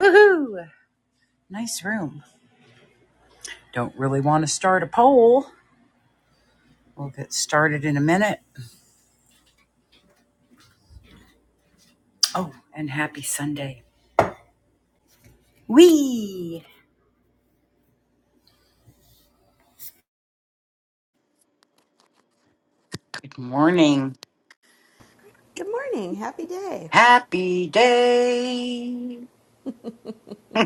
Woohoo! Nice room. Don't really want to start a poll. We'll get started in a minute. Oh, and happy Sunday. Wee! Good morning. Good morning. Happy day. Happy day.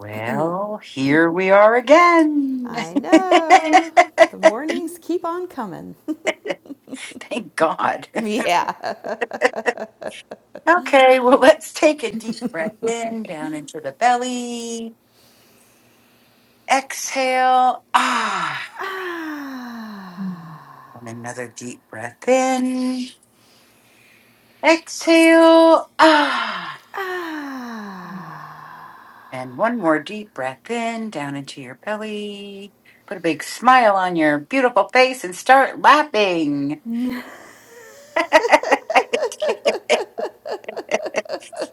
Well, here we are again. I know. The mornings keep on coming. Thank God. yeah. Okay, well, let's take a deep breath in, down into the belly. Exhale. Ah. And Ah. another deep breath in. Exhale. Ah. Ah. And one more deep breath in, down into your belly. Put a big smile on your beautiful face and start laughing.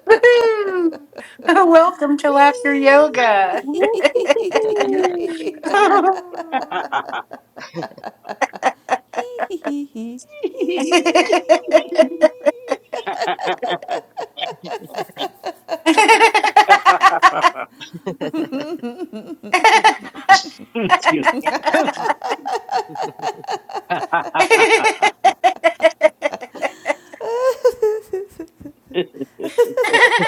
Woohoo! Welcome to Laughter Wee. Yoga. Hee hee hee hee. Hee. Excuse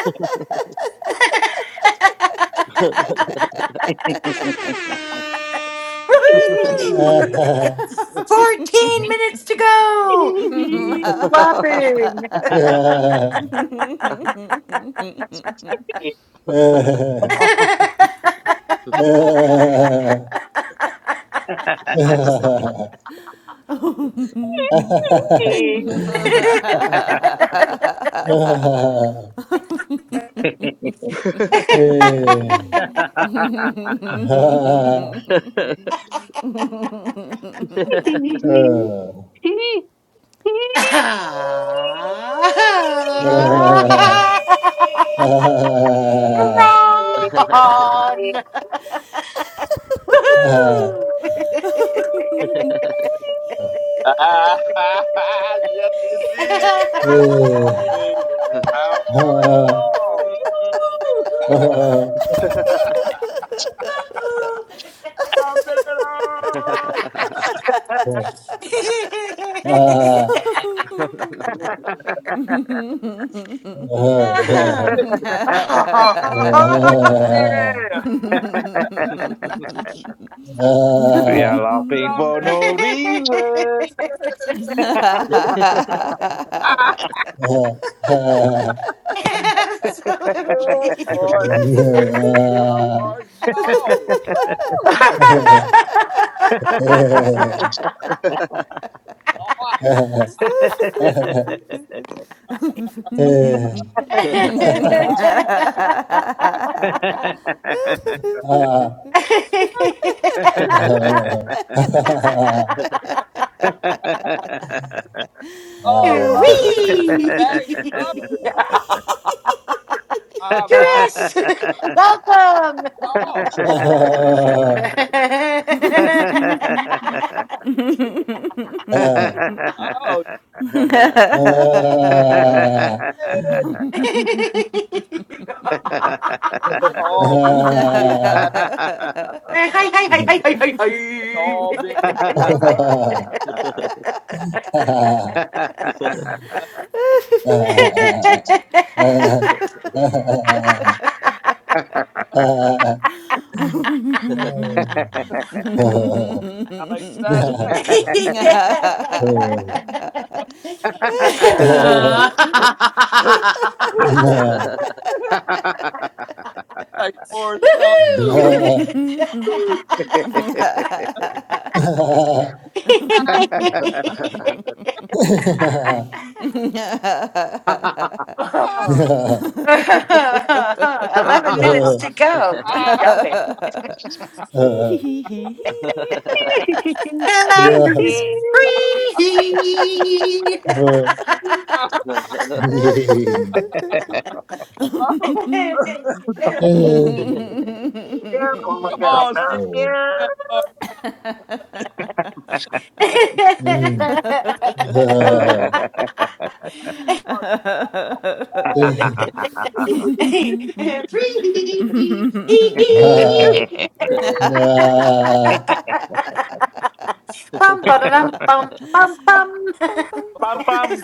Ba. Woohoo! Ah, 14 minutes to go. Whopping. me. we Hee. Ron. Woohoo! Hee. yes, it Hee. is. Good morning. How are y'all? Woo! Love it up. Let's be official. Yeah. are laughing Love for it no reason. Wee. up. Ah, Good morning. How are Ha y'all? Absolutely. Oh, I- Wee! oh love it. Baggy, love it. How about Chris, welcome. y'all? Oh, ha ha yeah. They all being good. They Hi, hi, hi, hi, hi, all being good. hi, hi. Woohoo! ha. I like me last night. like Forrest Gump. Ah Ah, Oh! Eleven minutes to go. Keep ah, going. Hee hee hee. And after is free. oh, Careful come on, Free. see about you. that oh, good Lord. Bum, ba dum bum, bum, bum. Bum, bum. Bum bum.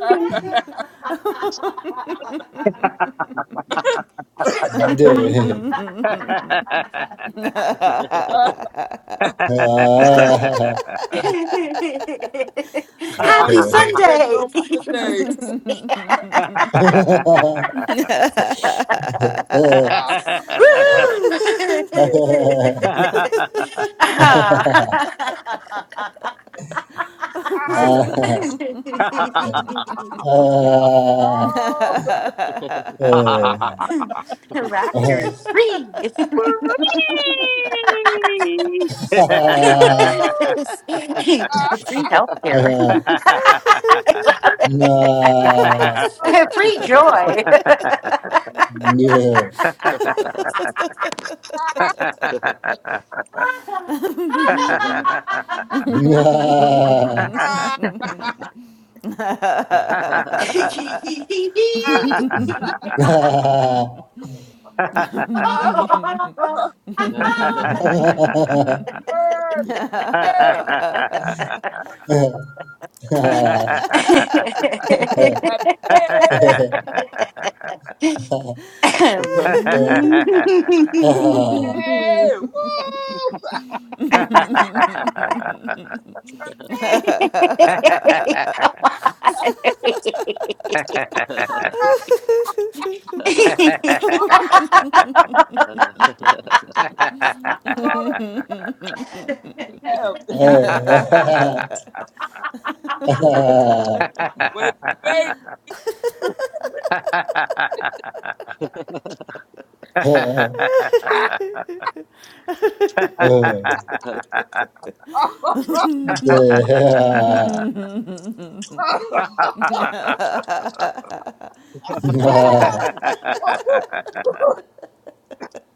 Ah, Ha ah, oh, Happy it's gonna be a good Sunday. one today. Ah, Woohoo! Ah. ah, oh, The Raptor is free. woo, ah, it's free Ah, healthcare. I love Nah, gonna it. be Free ah, joy. yeah, nah, ah, ah, oh, word, yeah, happy day, hey, woo, happy day, oh, Ha it's gonna be, wake, bake, ah, oh,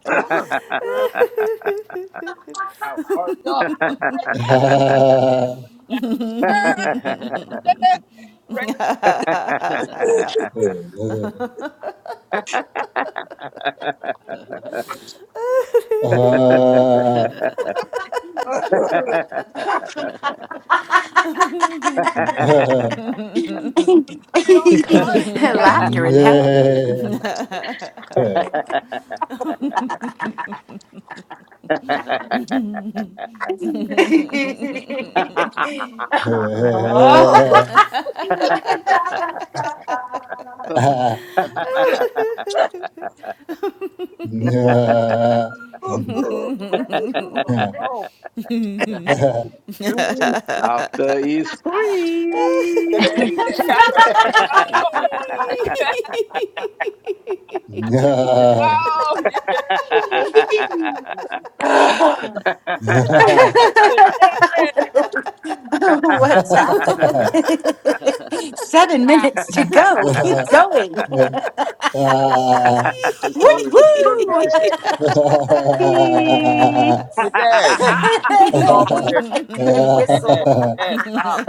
Good. How are y'all? Great. nah, Be all Love right. Yeah. Laughter in hell. Aw. Oh, Very Oh, really? Laughter is Hey, hey, I heard this that. place. Free. free. Oh, oh, yeah, cool. I'm pregnant. What's happening? Seven Yeah. minutes to go. Keep going. Wee. There's Woo! Oh, nowhere to go. woo. hey. Hey, Dad, get off of there, I Dad. could Dad, whistle. Dad, stop.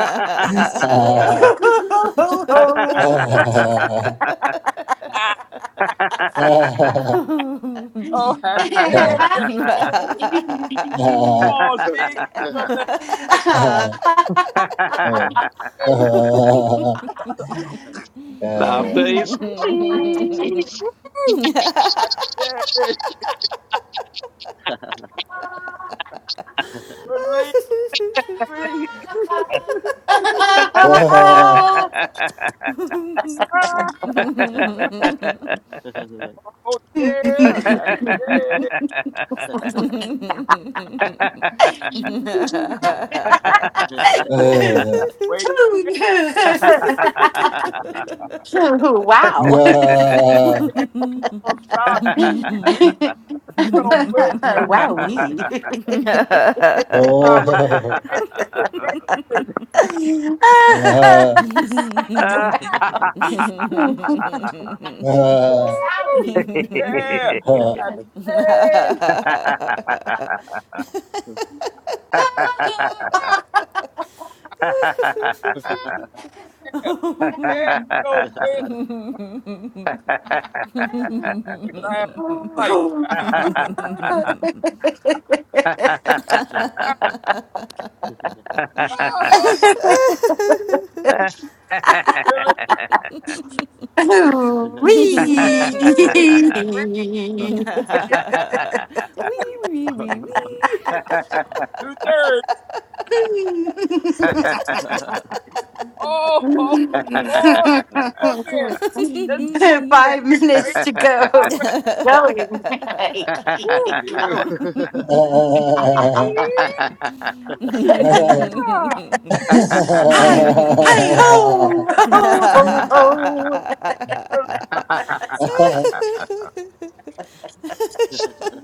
Ah, Oh, happy Dad. Happy day. Come on, Steve, give me some of that. After it's Woo. Yay. Three. Ah, oh yeah, happy day. Wait, wait, wow. wait, don't stop. We, we don't quit. wow, Vibrate. Raise it, raise it. Woo! we. Yeah, Oh, oh, happy day. Ah, yeah, yeah, we don't quit. We laugh right. oh, feel it. Oh, Wee. Woo! Three, Wee, wee, wee, wee. Happy two thirds. Oh, oh, oh, oh, go again. Let's do it again. Five Raise minutes to the go. vibration. Going. I Keep Woo, it here we go. going. Yeah. Hi, hi, ho, ho, ho,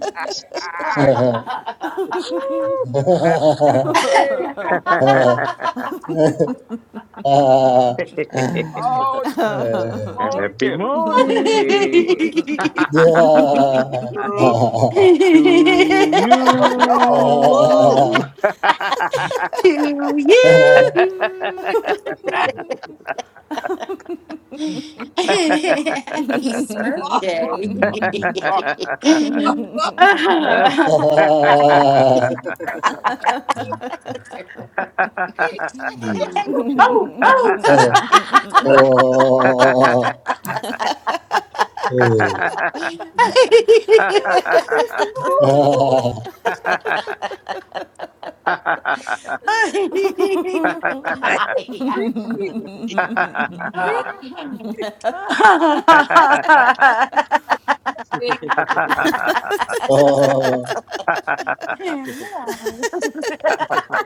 Relax. Woo. That's it. Oh, oh yeah. morning Good to ho. for y'all. Woo. you. to you. Man. Happy Smurf Oh, oh, Day. sorry. oh, Woo. woo. oh. Man. Breathe. Breathe. I think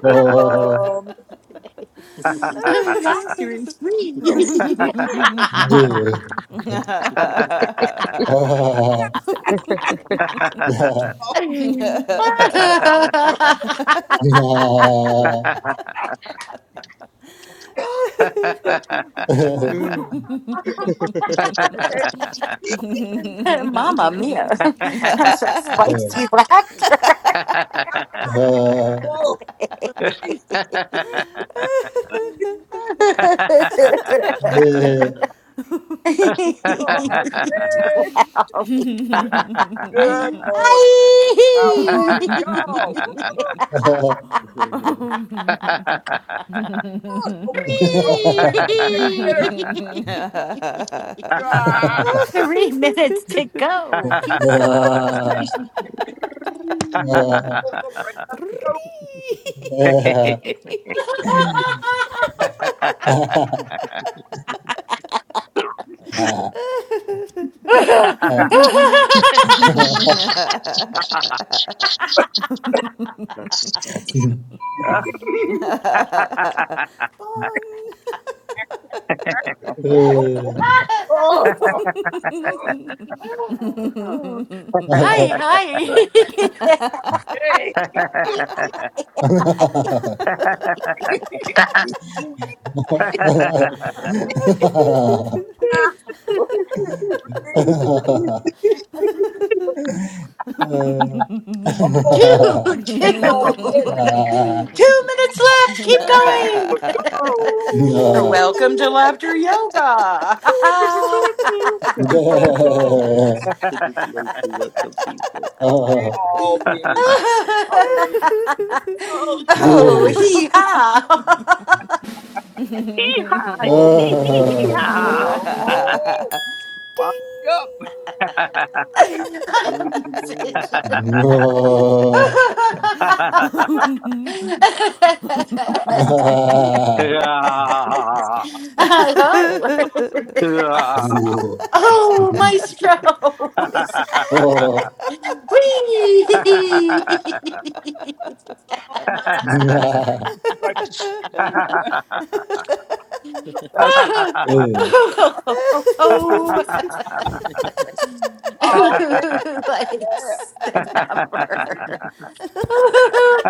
it's, um, I'm Vacuum free. oh, dear. Ah, ah, Ha oh, hey. Mamma mia. I'm so spicy laughter. Whoa. Breathe. So happy. Hey. wow. Good morning. How are y'all? Woo. Don't quit. Don't quit. Don't be a Ah. Three minutes to go. Keep going. Oh, oh, oh, break up Three. the Hi, yoke. Bong. Oh, hi. Yay. things Oh, Two, you two, two don't quit minutes left. Keep too. going. Welcome to Laughter Yoga. a bit late to welcome people. They all be louder. Oh, yeah. oh, hee haw. oh, Ah, oh, oh. Wind Ding. up. I'm a Close the doors. musician. Hello. no. Ah, Hee-haw! whoa. oh, maestro. Come What's that? Oh, Whee! on, man. nah. Like the best minute. Eh, oh, What's Oh, yeah. the number?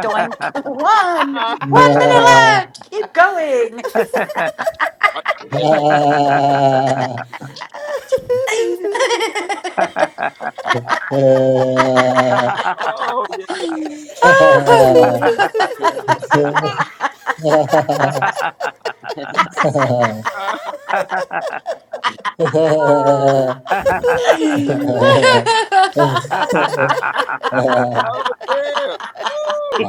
Doink. One. Ah, One minute nah. left. Keep going. right there. Ah, eh, Oh, yeah. ah. Ah, ah. Oh, yeah. Woo.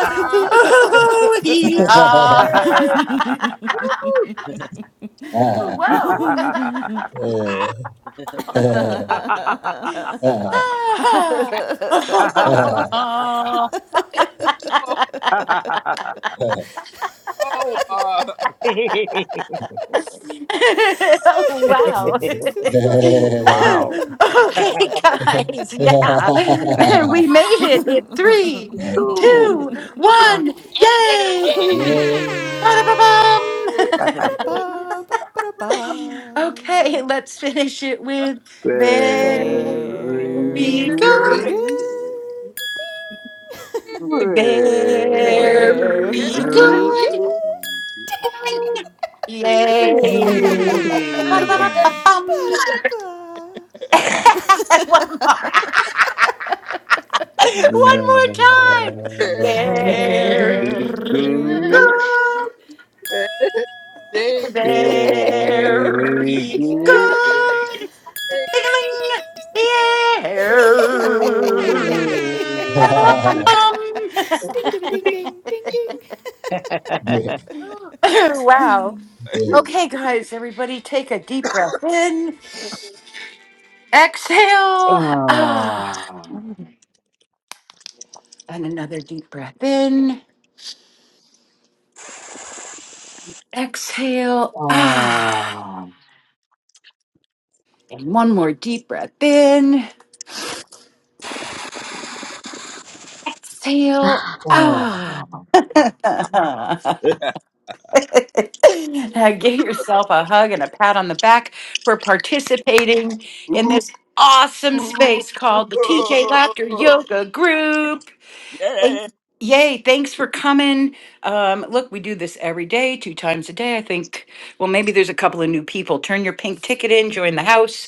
Ah, ah, yeah. Ah, eh, eh, ah, Whoa. Woo. ah. Oh my. oh, yeah. wow. okay, wow. guys. Yeah. We made it in three, two, Ooh, well, one. Yay. Hey, Ba-da-ba-bum. Yay! that's Ba-ba-da-ba, ba-ba-da-ba. okay, let's finish it with very very Very good. good. good. Ding. pretty Very good, Very Very good. good. good. Yay. Ba-da-ba-ba-bum. Ba-da-ba-ba. One more. One more Very time. Charity, good, charity. Very Very good, good. good. Ding. Ding, ding. good. Very Very. Very good. good. good. Ding, Yeah. ding, ding, ding, ding, Ding-a-ling. ding, ding, ding, ding. Yeah. Yay. Ding, ding, ding, ding, ding, ding. Yeah. wow. Okay, guys, everybody take a deep breath in. Exhale. Ah. ah, And another deep breath in. Exhale. Ah. ah. And one more deep breath in. Seal. Ah, Ah. Oh, Now give yourself a hug and a pat on the back for participating in Ooh. this awesome space called the TJ Laughter Yoga Group. Yeah. Thanks- Yay, thanks for coming. Um, look, we do this every day, two times a day. I think, well, maybe there's a couple of new people. Turn your pink ticket in, join the house,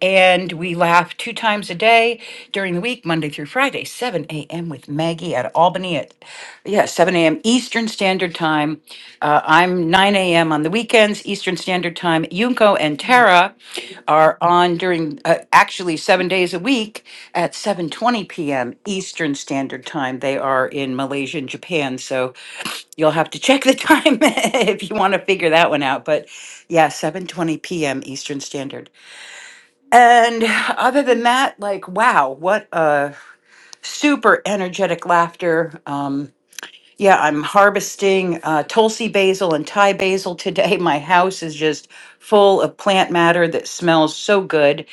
and we laugh two times a day during the week, Monday through Friday, 7 a.m. with Maggie at Albany at yeah, 7 a.m. Eastern Standard Time. Uh, I'm 9 a.m. on the weekends, Eastern Standard Time. Yunko and Tara are on during uh, actually seven days a week at 7:20 p.m. Eastern Standard Time. They are in Malaysia and Japan, so you'll have to check the time if you want to figure that one out. But yeah, 7:20 p.m. Eastern Standard. And other than that, like wow, what a super energetic laughter. Um, yeah, I'm harvesting uh, Tulsi basil and Thai basil today. My house is just full of plant matter that smells so good.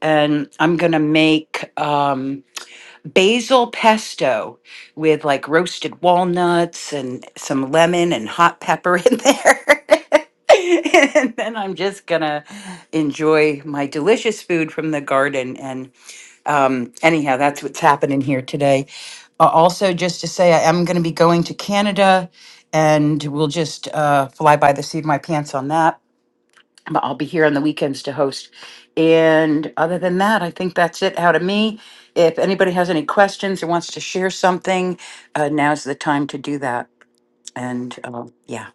And I'm going to make um, basil pesto with like roasted walnuts and some lemon and hot pepper in there. and then I'm just going to enjoy my delicious food from the garden. And um, anyhow, that's what's happening here today. Uh, also, just to say, I am going to be going to Canada, and we'll just uh, fly by the seat of my pants on that. But I'll be here on the weekends to host. And other than that, I think that's it out of me. If anybody has any questions or wants to share something, uh, now's the time to do that. And uh, yeah.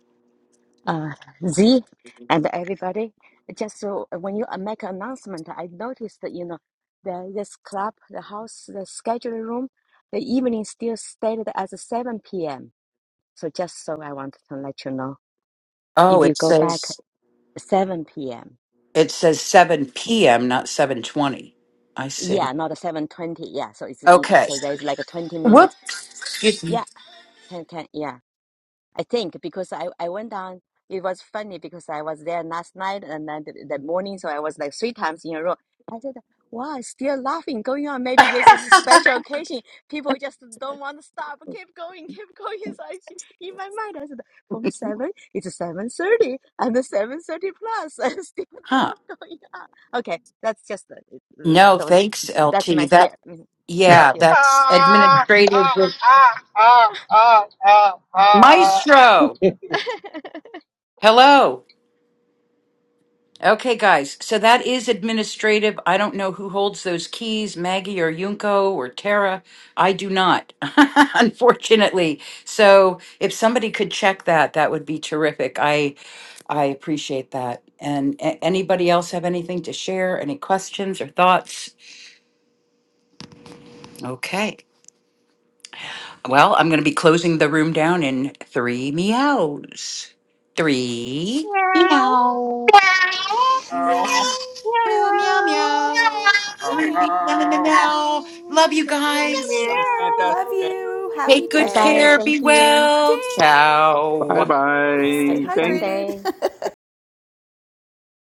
Uh, Z and everybody. Just so when you make announcement, I noticed that you know the this club, the house, the schedule room, the evening still stated as 7 p.m. So just so I wanted to let you know. If Oh, you it go back says 7 p.m. it says seven p.m., not seven twenty. I see. Yeah, not a 7:20. Yeah, so it's in, Okay. so there's like a 20 Whoops. minutes. S- Excuse me. Yeah, can can yeah. I think because I I went down. It was funny because I was there last night and then the, the morning, so I was like three times in a row. I said, "Wow, it's still laughing going on. Maybe this is a special occasion. People just don't want to stop. Keep going, keep going." So I, s- in my mind, I said, "From seven, it's seven thirty, and seven thirty plus." Huh. yeah. Okay, that's just uh, No, so thanks, that's my LT. That share. Mm, Yeah, Thank you. that's Ah, administrative. ah, with- ah, ah, ah, ah, ah, ah, ah. Maestro. Hello. Okay, guys. So that is administrative. I don't know who holds those keys, Maggie or Yunko or Tara. I do not, unfortunately. So if somebody could check that, that would be terrific. I I appreciate that. And a- anybody else have anything to share? Any questions or thoughts? Okay. Well, I'm going to be closing the room down in three meows. Three. Meow, Ow, Meow. Praise. meow, Meow, meow, meow. meow. Meow, Meow, ow, meow, meow, ow. meow. meow. Love you Meow, meow, meow, guys. Have a meow. fantastic meow. Love day. you. Happy Take Bye good bye. day. care. Thank Be you. well. Ding. bye Ciao. Stay bye. Happy Thank Sunday. hydrated.